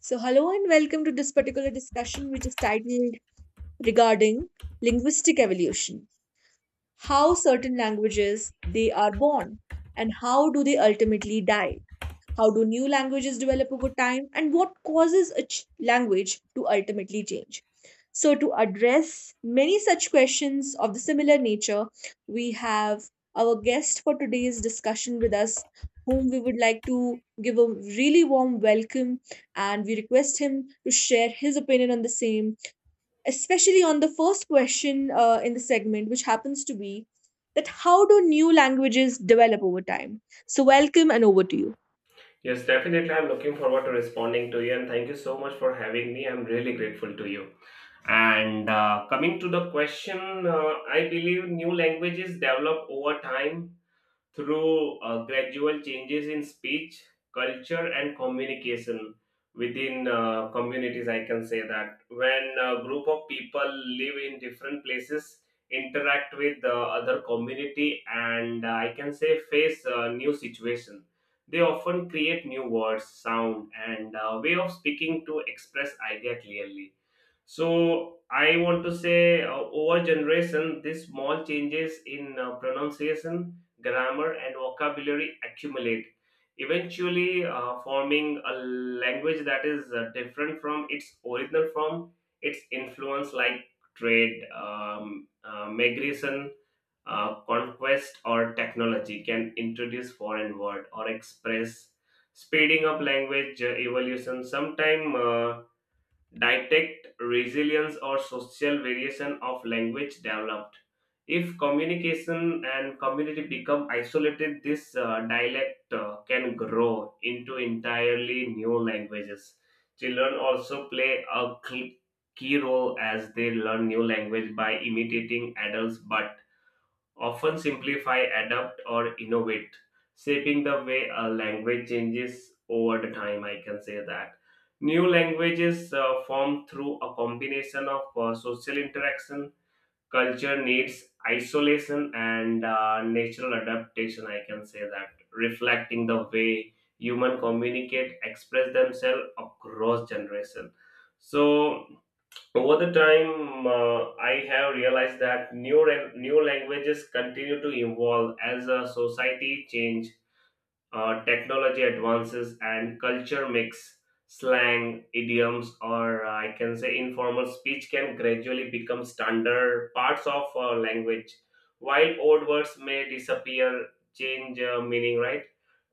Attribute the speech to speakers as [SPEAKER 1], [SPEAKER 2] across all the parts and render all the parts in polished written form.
[SPEAKER 1] So, hello and welcome to this particular discussion, which is titled regarding linguistic evolution, how certain languages they are born and how do they ultimately die, how do new languages develop over time? And what causes a language to ultimately change? So, to address many such questions of the similar nature, we have our guest for today's discussion with us, whom we would like to give a really warm welcome. And we request him to share his opinion on the same, especially on the first question in the segment, which happens to be that how do new languages develop over time? So, welcome and over to you.
[SPEAKER 2] Yes, definitely. I'm looking forward to responding to you, and thank you so much for having me. I'm really grateful to you. And coming to the question, I believe new languages develop over time through gradual changes in speech, culture, and communication within communities. I can say that when a group of people live in different places, interact with the other community, and I can say face a new situation. They often create new words, sound, and way of speaking to express idea clearly so I want to say, over generation, these small changes in pronunciation, grammar, and vocabulary accumulate, eventually forming a language that is different from its original form. Its influence, like trade, migration, conquest, or technology, can introduce foreign word or express, speeding up language evolution. Sometime. Detect resilience or social variation of language developed. If communication and community become isolated, this dialect can grow into entirely new languages. Children also play a key role as they learn new language by imitating adults, but often simplify, adapt, or innovate, shaping the way a language changes over the time. I can say that. New languages form through a combination of social interaction, culture needs, isolation, and natural adaptation. I can say that, reflecting the way human communicate, express themselves across generation. So over the time, I have realized that new languages continue to evolve as a society change technology advances and culture mix, slang, idioms, or I can say informal speech can gradually become standard parts of language. While old words may disappear, change meaning, right?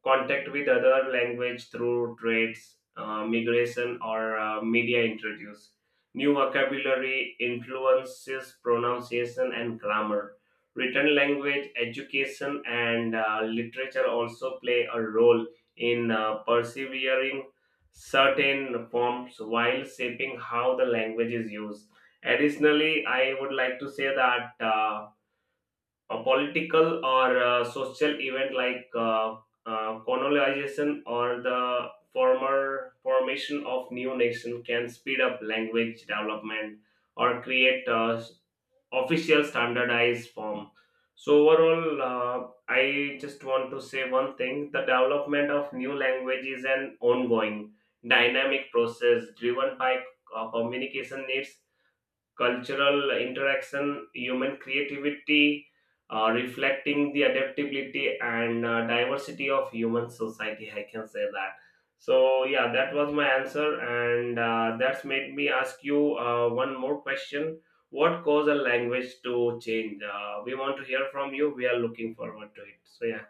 [SPEAKER 2] Contact with other language through trades, migration, or media introduce. New vocabulary influences pronunciation and grammar written language education and literature also play a role in persevering certain forms while shaping how the language is used additionally I would like to say that a political or social event like colonization or the former formation of new nation can speed up language development or create official standardized form. So overall, I just want to say one thing: the development of new language is an ongoing, dynamic process driven by communication needs cultural interaction, human creativity, reflecting the adaptability and diversity of human society. I can say that. So yeah, that was my answer, and that's made me ask you one more question. What caused a language to change? We want to hear from you. We are looking forward to it. So yeah,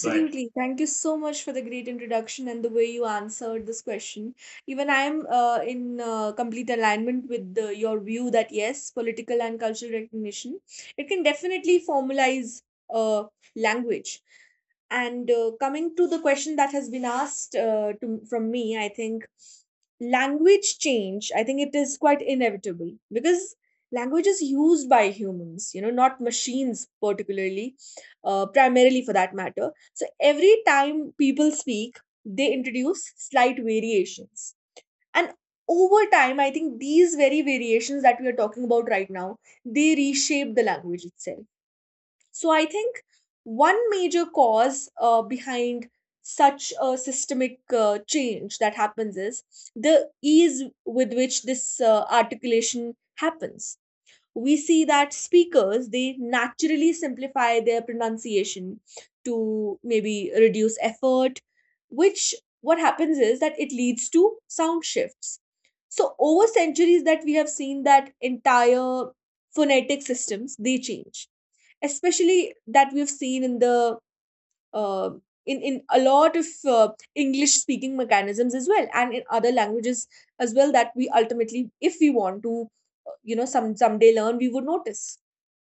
[SPEAKER 2] go ahead.
[SPEAKER 1] Thank you so much for the great introduction and the way you answered this question. Even I am in complete alignment with your view that yes, political and cultural recognition, it can definitely formalize uh, language. And coming to the question that has been asked from me, I think language change, I think it is quite inevitable because language is used by humans, you know, not machines particularly, primarily for that matter. So every time people speak, they introduce slight variations. And over time, I think these very variations that we are talking about right now, they reshape the language itself. So I think one major cause behind such a systemic change that happens is the ease with which this articulation happens. We see that speakers they naturally simplify their pronunciation to maybe reduce effort, which, what happens is that it leads to sound shifts. So over centuries that we have seen that entire phonetic systems they change, especially that we've seen in the uh, in a lot of English speaking mechanisms as well, and in other languages as well, that we ultimately, if we want to you know, someday learn, we would notice.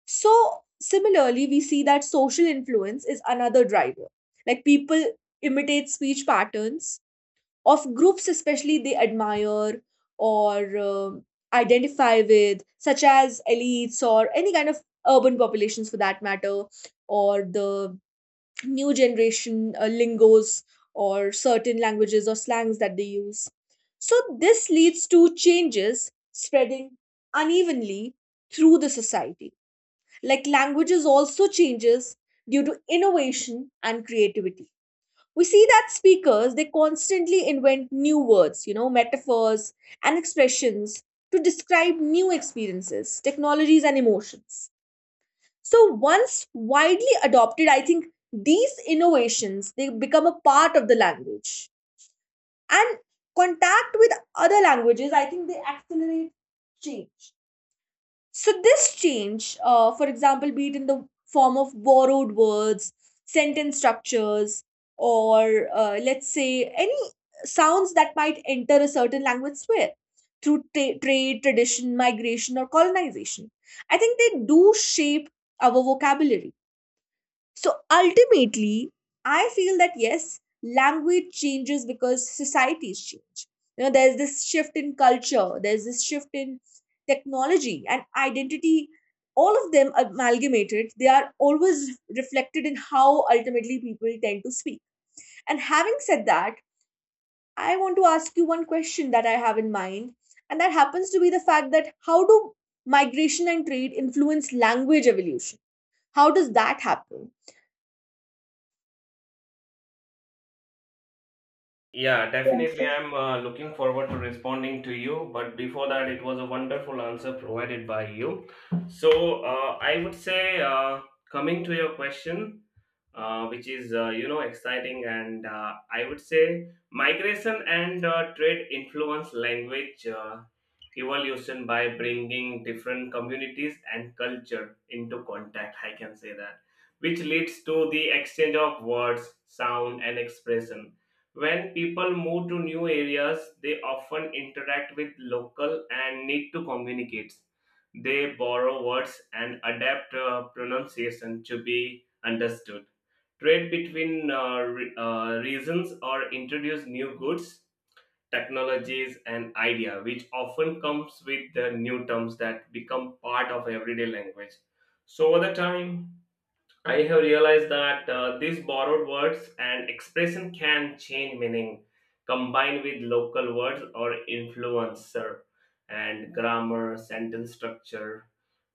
[SPEAKER 1] So similarly, we see that social influence is another driver, like people imitate speech patterns of groups especially they admire, or um identify with, such as elites or any kind of urban populations for that matter, or the new generation lingos, or certain languages or slangs that they use. So, this leads to changes spreading unevenly through the society. Like languages also changes due to innovation and creativity. We see that speakers they constantly invent new words, you know, metaphors and expressions to describe new experiences, technologies and emotions. So once widely adopted, I think these innovations they become a part of the language. And contact with other languages, I think they accelerate change. So this change, for example, be it in the form of borrowed words, sentence structures, or let's say any sounds that might enter a certain language sphere through trade, tradition, migration, or colonization. I think they do shape our vocabulary. So ultimately, I feel that yes, language changes because societies change. You know, there's this shift in culture, there's this shift in technology and identity. All of them amalgamated, they are always reflected in how ultimately people tend to speak. And having said that, I want to ask you one question that I have in mind, and that happens to be the fact that how do migration and trade influence language evolution? How does that happen?
[SPEAKER 2] Yeah, definitely. I'm looking forward to responding to you. But before that, it was a wonderful answer provided by you. So I would say, coming to your question, which is you know exciting, and I would say migration and trade influence language evolution by bringing different communities and culture into contact. I can say that, which leads to the exchange of words, sound, and expression when people move to new areas, they often interact with local and need to communicate. They borrow words and adapt pronunciation to be understood. Trade between regions or introduce new goods, technologies, and idea, which often comes with the new terms that become part of everyday language. So over the time, I have realized that these borrowed words and expression can change meaning, combined with local words or influencer and grammar, sentence structure.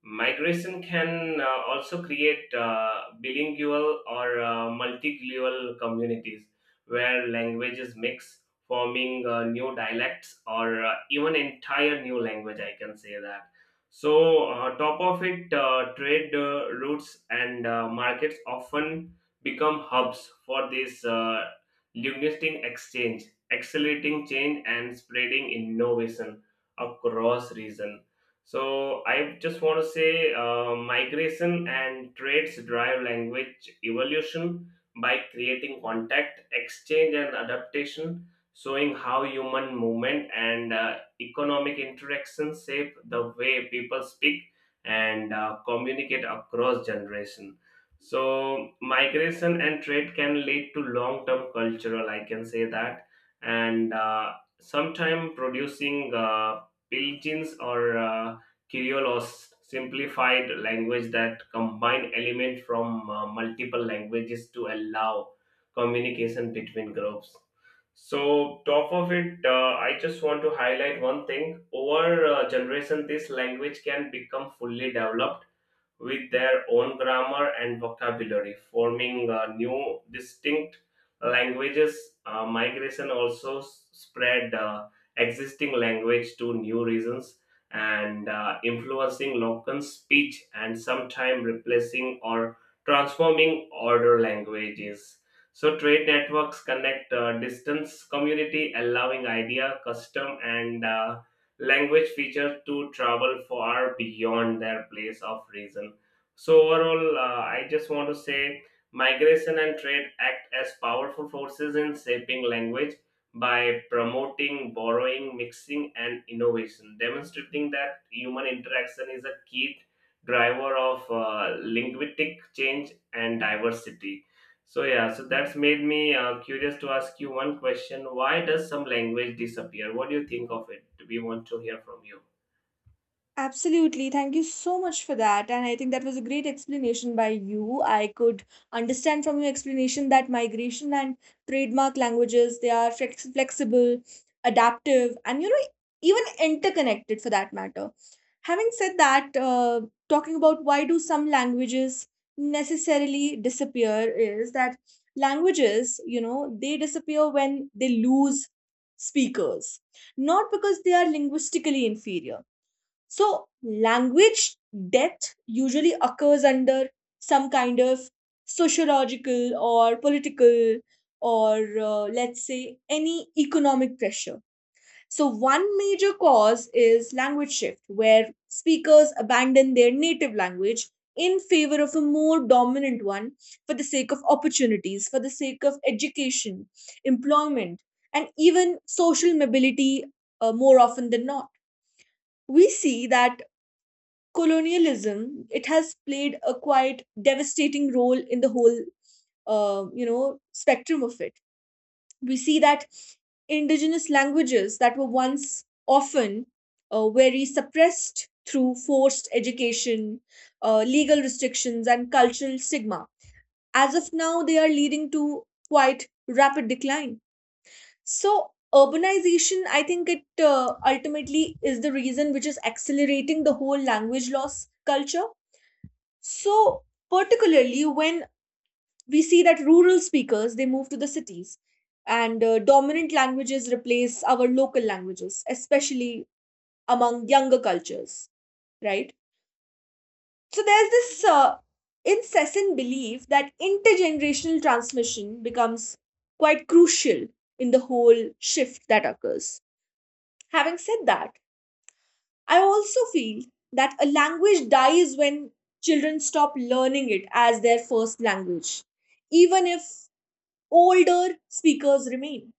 [SPEAKER 2] Migration can also create bilingual or multilingual communities where languages mix, forming new dialects or even entire new language. I can say that so, top of it, trade routes and markets often become hubs for this linguistic exchange, accelerating change and spreading innovation across region. So, I just want to say migration and trades drive language evolution by creating contact, exchange, and adaptation, showing how human movement and economic interactions shape the way people speak and communicate across generation so migration and trade can lead to long term cultural I can say that and sometimes producing pidgins or Criollos simplified language that combine elements from multiple languages to allow communication between groups so, top of it, I just want to highlight one thing. Over generation, this language can become fully developed with their own grammar and vocabulary, forming new distinct languages. Migration also spread existing language to new regions and influencing local speech and sometimes replacing or transforming order languages. So trade networks connect distance community, allowing idea, custom, and language feature to travel far beyond their place of reason so overall, I just want to say migration and trade act as powerful forces in shaping language by promoting borrowing, mixing, and innovation, demonstrating that human interaction is a key driver of linguistic change and diversity. So yeah, so that's made me curious to ask you one question: Why does some language disappear? What do you think of it? We want to hear from you.
[SPEAKER 1] Absolutely. Thank you so much for that. And I think that was a great explanation by you. I could understand from your explanation that migration and trademark languages, they are flexible, adaptive, and you know, even interconnected for that matter. Having said that, talking about why do some languages necessarily disappear is that languages, you know, they disappear when they lose speakers, not because they are linguistically inferior. So, language death usually occurs under some kind of sociological or political or let's say any economic pressure. So, one major cause is language shift, where speakers abandon their native language in favor of a more dominant one for the sake of opportunities, for the sake of education, employment, and even social mobility, more often than not. We see that colonialism, it has played a quite devastating role in the whole you know spectrum of it. We see that indigenous languages that were once often very suppressed through forced education, legal restrictions and cultural stigma, as of now they are leading to quite rapid decline. So urbanization, I think it ultimately is the reason which is accelerating the whole language loss culture. So, particularly when we see that rural speakers they move to the cities, and dominant languages replace our local languages, especially among younger cultures, right? So, there's this incessant belief that intergenerational transmission becomes quite crucial in the whole shift that occurs. Having said that, I also feel that a language dies when children stop learning it as their first language, even if older speakers remain.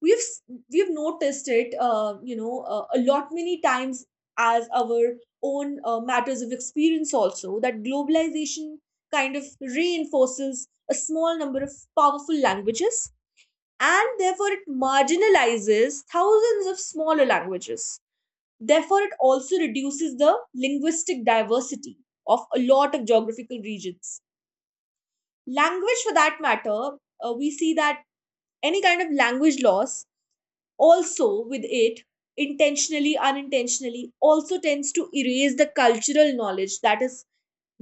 [SPEAKER 1] We've s- we've noticed it, you know, a lot many times as our own matters of experience also, that globalization kind of reinforces a small number of powerful languages, and therefore it marginalizes thousands of smaller languages. Therefore, it also reduces the linguistic diversity of a lot of geographical regions. Language, for that matter, we see that any kind of language loss also, with it, intentionally unintentionally, also tends to erase the cultural knowledge that is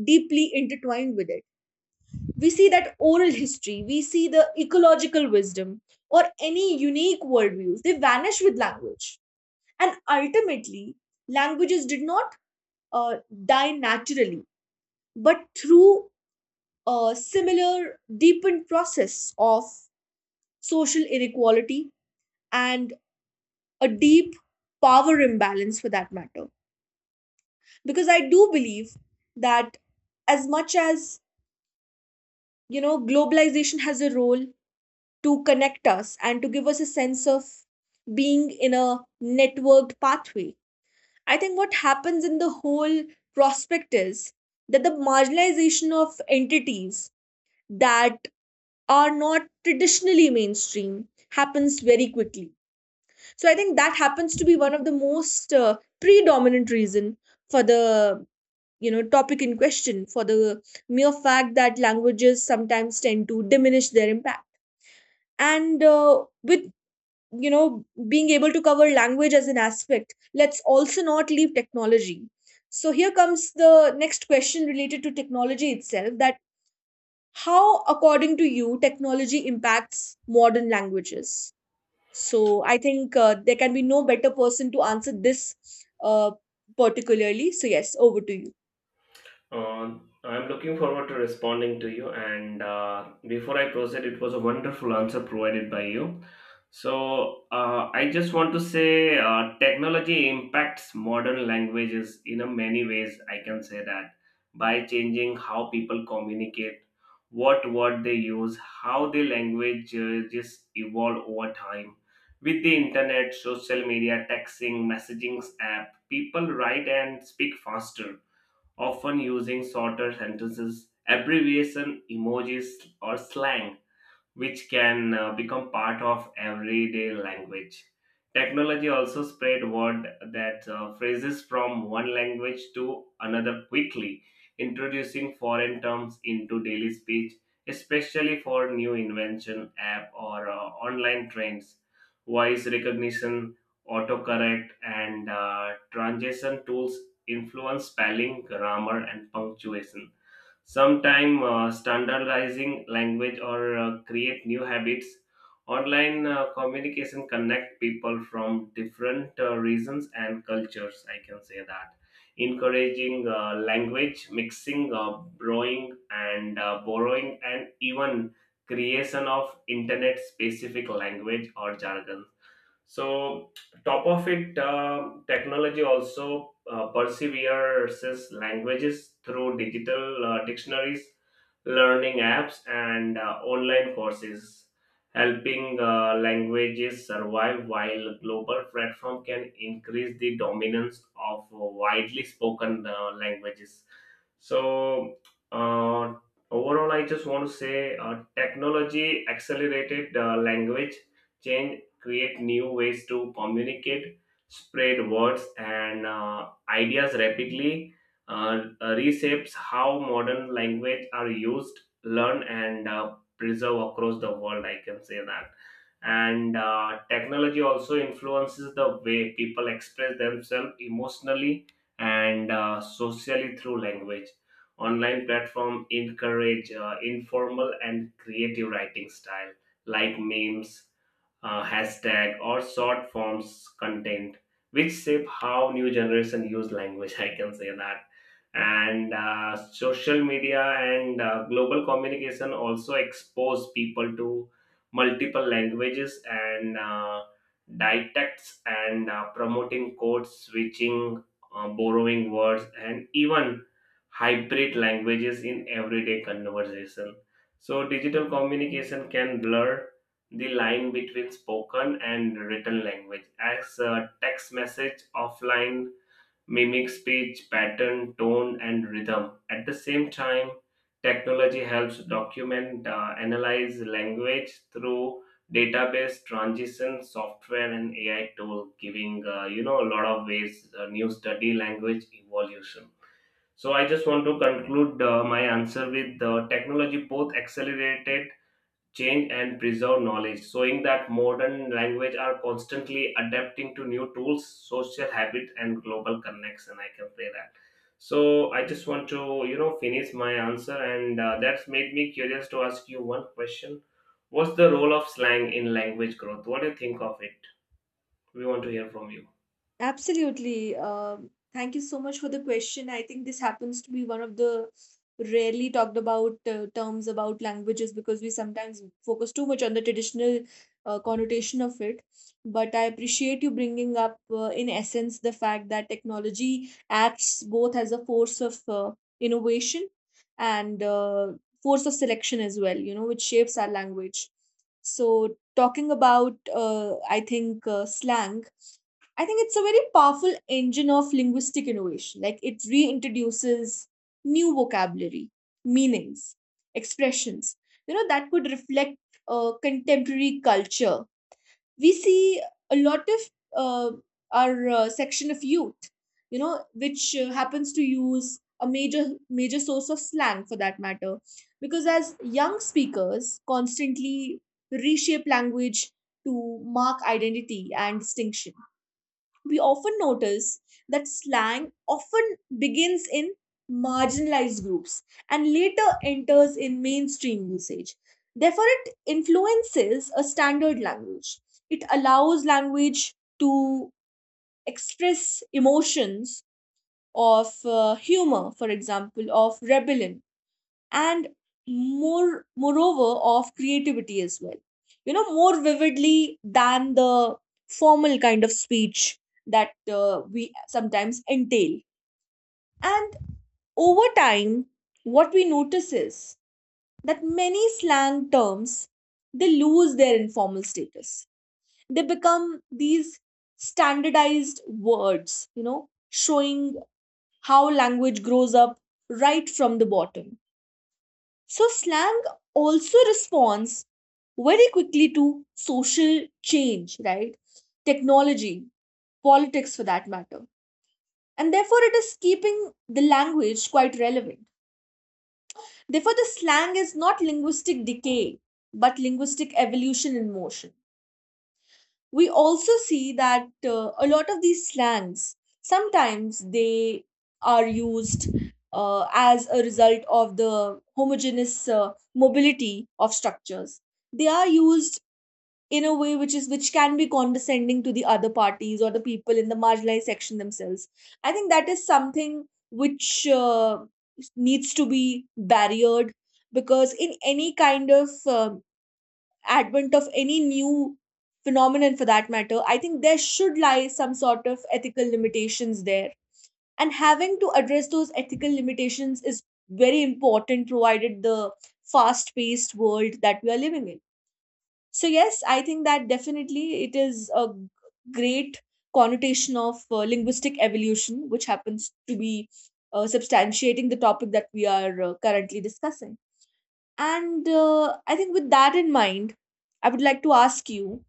[SPEAKER 1] deeply intertwined with it. We see that oral history, we see the ecological wisdom, or any unique worldviews, they vanish with language. And ultimately, languages did not uh, die naturally, but through a similar deepened process of social inequality and a deep power imbalance for that matter. Because I do believe that as much as you know globalization has a role to connect us and to give us a sense of being in a networked pathway, I think what happens in the whole prospect is that the marginalization of entities that are not traditionally mainstream happens very quickly. So I think that happens to be one of the most predominant reason for the you know topic in question, for the mere fact that languages sometimes tend to diminish their impact. And with you know being able to cover language as an aspect, let's also not leave technology. So here comes the next question related to technology itself, that how, according to you, technology impacts modern languages. So I think there can be no better person to answer this, uh, particularly. So yes, over to you.
[SPEAKER 2] Uh, I'm looking forward to responding to you. And before I proceed, it was a wonderful answer provided by you. So I just want to say technology impacts modern languages in a many ways. I can say that by changing how people communicate, what word they use, how the language just evolve over time. With the internet, social media, texting, messaging app, people write and speak faster often using shorter sentences, abbreviation, emojis, or slang which can become part of everyday language. Technology also spread word that phrases from one language to another quickly, introducing foreign terms into daily speech, especially for new invention app or online trends. Voice recognition, autocorrect, and transition tools influence spelling, grammar, and punctuation Sometime standardizing language or create new habits. Online communication connect people from different regions and cultures. I can say that. Encouraging language mixing, borrowing, and even creation of internet-specific language or jargon so, top of it, technology also perseveres languages through digital dictionaries, learning apps, and online courses, helping languages survive while global platform can increase the dominance of widely spoken languages. So, uh, overall, I just want to say technology accelerated language change create new ways to communicate, spread words and ideas rapidly, reshapes how modern language are used, learned, and preserved across the world. I can say that. And technology also influences the way people express themselves emotionally and socially through language online platform encourage informal and creative writing style like memes hashtag or short forms content which shape how new generation use language I can say that and social media and global communication also expose people to multiple languages and dialects and promoting code switching borrowing words and even hybrid languages in everyday conversation so digital communication can blur the line between spoken and written language as a text message offline mimics speech pattern tone and rhythm at the same time technology helps document analyze language through database transition software and ai tool giving you know a lot of ways new study language evolution so I just want to conclude my answer with the technology both accelerated change and preserve knowledge, showing that modern language are constantly adapting to new tools, social habit, and global connection. I can say that. So I just want to you know finish my answer, and that's made me curious to ask you one question. What's the role of slang in language growth? What do you think of it? We want to hear from you.
[SPEAKER 1] Absolutely. Thank you so much for the question. I think this happens to be one of the rarely talked about terms about languages, because we sometimes focus too much on the traditional connotation of it. But I appreciate you bringing up, in essence, the fact that technology acts both as a force of innovation and force of selection as well, you know, which shapes our language. So, talking about, I think, slang, I think it's a very powerful engine of linguistic innovation. Like it reintroduces new vocabulary, meanings, expressions, you know, that could reflect contemporary culture. We see a lot of uh, our section of youth, you know, which happens to use a major major source of slang for that matter, because as young speakers constantly reshape language to mark identity and distinction, we often notice that slang often begins in marginalized groups and later enters in mainstream usage. Therefore, it influences a standard language. It allows language to express emotions of humor, for example, of rebellion, and moreover of creativity as well, you know, more vividly than the formal kind of speech that we sometimes entail. And over time, what we notice is that many slang terms, they lose their informal status, they become these standardized words, you know, showing how language grows up right from the bottom. So, slang also responds very quickly to social change, right? Technology, politics for that matter. And therefore, it is keeping the language quite relevant. Therefore, the slang is not linguistic decay, but linguistic evolution in motion. We also see that a lot of these slangs sometimes they are used as a result of the homogeneous mobility of structures, they are used in a way which is, which can be condescending to the other parties or the people in the marginalized section themselves. I think that is something which needs to be barriered, because in any kind of um advent of any new phenomenon for that matter, I think there should lie some sort of ethical limitations there. And having to address those ethical limitations is very important, provided the fast paced world that we are living in. So, yes, I think that definitely it is a great connotation of linguistic evolution, which happens to be substantiating the topic that we are currently discussing. And I think with that in mind, I would like to ask you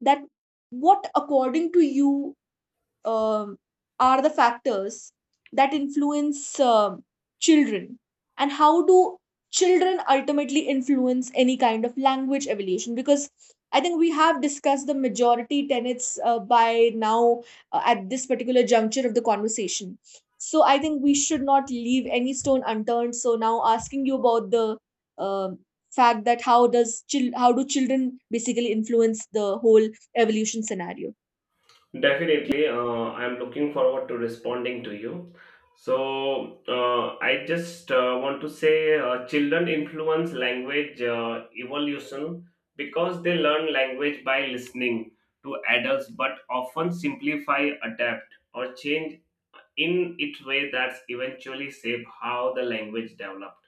[SPEAKER 1] that what, according to you, um, are the factors that influence children, and how do children ultimately influence any kind of language evolution? Because I think we have discussed the majority tenets by now at this particular juncture of the conversation. So I think we should not leave any stone unturned, so now asking you about the um fact that how does how do children basically influence the whole evolution scenario.
[SPEAKER 2] Definitely, I'm looking forward to responding to you. So, I just want to say children influence language evolution because they learn language by listening to adults but often simplify, adapt, or change in its way that's eventually shape how the language developed.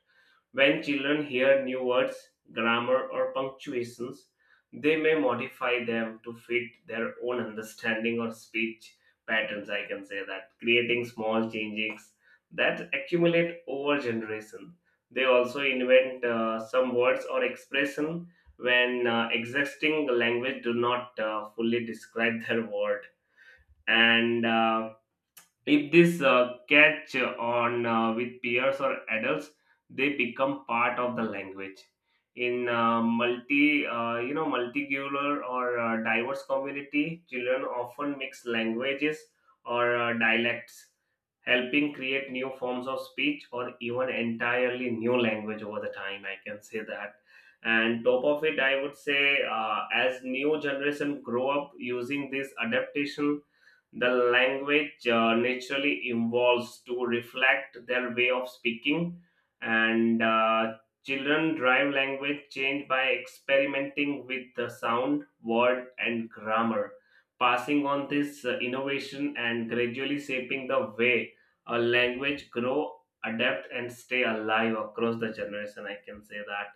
[SPEAKER 2] When children hear new words, grammar, or punctuations, they may modify them to fit their own understanding or speech patterns. I can say that creating small changes that accumulate over generation. They also invent some words or expression when existing language do not fully describe their word and if this catch on with peers or adults they become part of the language in multi you know multicultural or diverse community children often mix languages or dialects helping create new forms of speech or even entirely new language over the time I can say that and top of it I would say as new generation grow up using this adaptation the language naturally evolves to reflect their way of speaking and children drive language change by experimenting with the sound word and grammar passing on this innovation and gradually shaping the way a language grow adapt and stay alive across the generation I can say that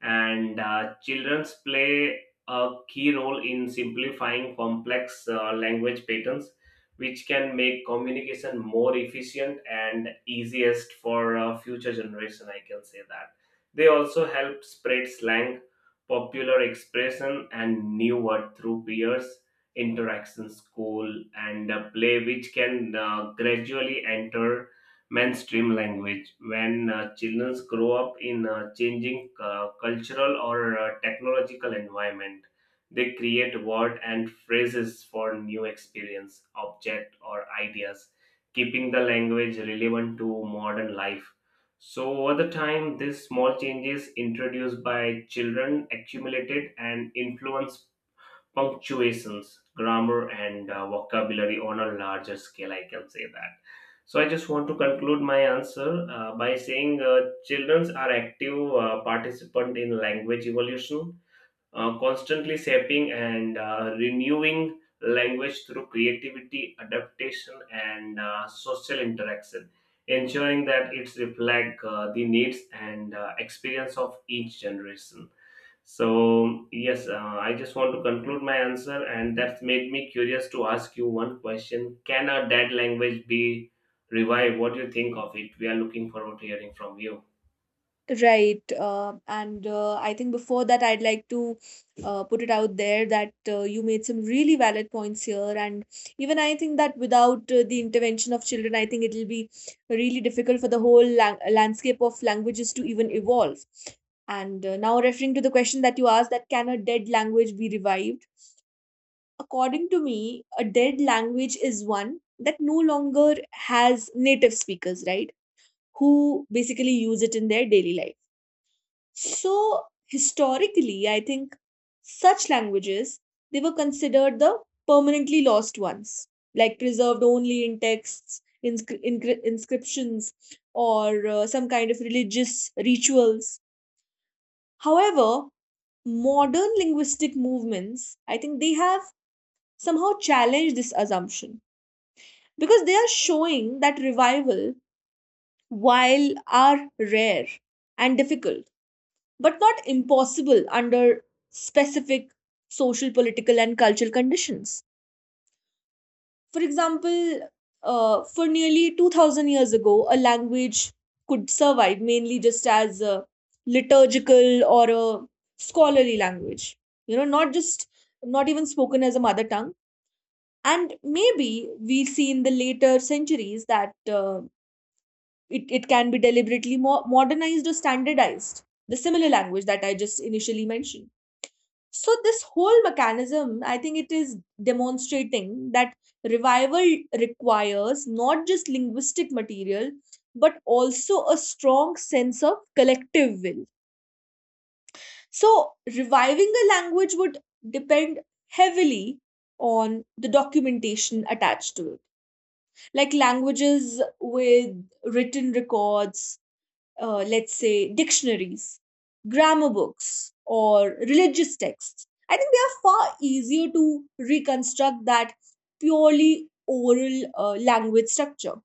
[SPEAKER 2] and children's play a key role in simplifying complex language patterns which can make communication more efficient and easiest for future generation I can say that they also help spread slang popular expression and new word through peers interaction school and play which can gradually enter mainstream language. When children grow up in a changing cultural or technological environment, they create word and phrases for new experience, object, or ideas, keeping the language relevant to modern life. So, over the time, these small changes introduced by children accumulated and influenced punctuations, grammar, and vocabulary on a larger scale. I can say that. So I just want to conclude my answer by saying children are active participant in language evolution constantly shaping and renewing language through creativity, adaptation, and social interaction, ensuring that it reflects the needs and experience of each generation. So, yes, I just want to conclude my answer, and that's made me curious to ask you one question Can a dead language be revived? What do you think of it? We are looking forward to hearing from you.
[SPEAKER 1] Right. And I think before that, I'd like to put it out there that you made some really valid points here. And even I think that without the intervention of children, I think it'll be really difficult for the whole landscape of languages to even evolve. And now, referring to the question that you asked, that can a dead language be revived? According to me, a dead language is one that no longer has native speakers, right? Who basically use it in their daily life. So historically, I think such languages, they were considered the permanently lost ones, like preserved only in texts, inscriptions, or some kind of religious rituals. However, modern linguistic movements, I think they have somehow challenged this assumption, because they are showing that revival, while are rare and difficult, but not impossible under specific social, political, and cultural conditions. For example, for nearly 2000 years ago, a language could survive mainly just as a liturgical or a scholarly language, you know, not just not even spoken as a mother tongue. And maybe we see in the later centuries that it can be deliberately modernized or standardized, the similar language that I just initially mentioned. So this whole mechanism, I think it is demonstrating that revival requires not just linguistic material, but also a strong sense of collective will. So reviving a language would depend heavily on the documentation attached to it. Like languages with written records, let's say, dictionaries, grammar books, or religious texts. I think they are far easier to reconstruct that purely oral language structure.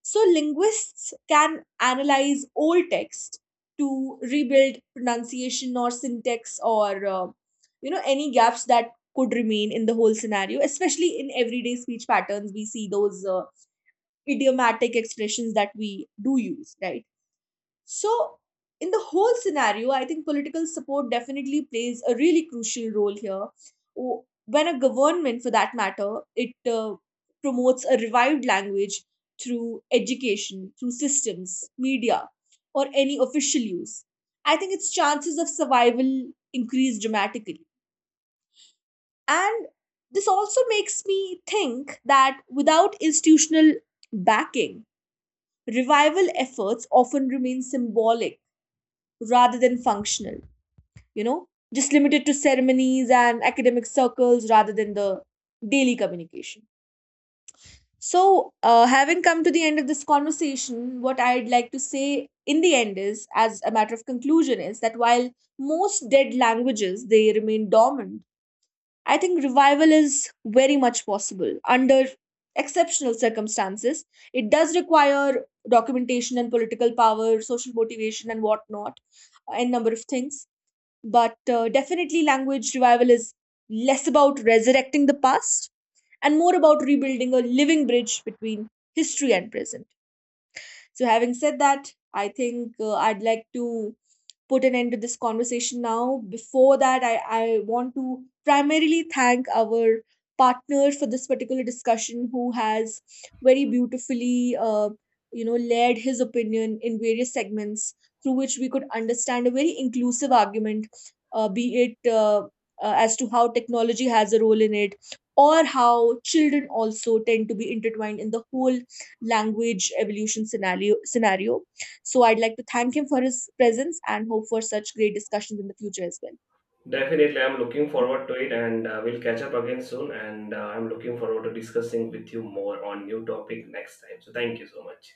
[SPEAKER 1] So, linguists can analyze old text to rebuild pronunciation or syntax, or you know, any gaps that could remain in the whole scenario, especially in everyday speech patterns we see those idiomatic expressions that we do use, right? So, in the whole scenario, I think political support definitely plays a really crucial role here. When a government, for that matter, it promotes a revived language through education, through systems, media, or any official use, I think its chances of survival increase dramatically. And this also makes me think that without institutional backing, revival efforts often remain symbolic rather than functional, you know, just limited to ceremonies and academic circles rather than the daily communication. So having come to the end of this conversation, what I'd like to say in the end, is as a matter of conclusion, is that while most dead languages they remain dormant, I think revival is very much possible under exceptional circumstances. It does require documentation and political power, social motivation and whatnot, and number of things. But definitely language revival is less about resurrecting the past and more about rebuilding a living bridge between history and present. So, having said that, I think I'd like to put an end to this conversation now. Before that, I want to primarily thank our partner for this particular discussion, who has very beautifully you know, layered his opinion in various segments through which we could understand a very inclusive argument, be it as to how technology has a role in it, or how children also tend to be intertwined in the whole language evolution scenario scenario. So I'd like to thank him for his presence and hope for such great discussions in the future as well.
[SPEAKER 2] Definitely, I'm looking forward to it, and we'll catch up again soon. And I'm looking forward to discussing with you more on new topic next time. So thank you so much.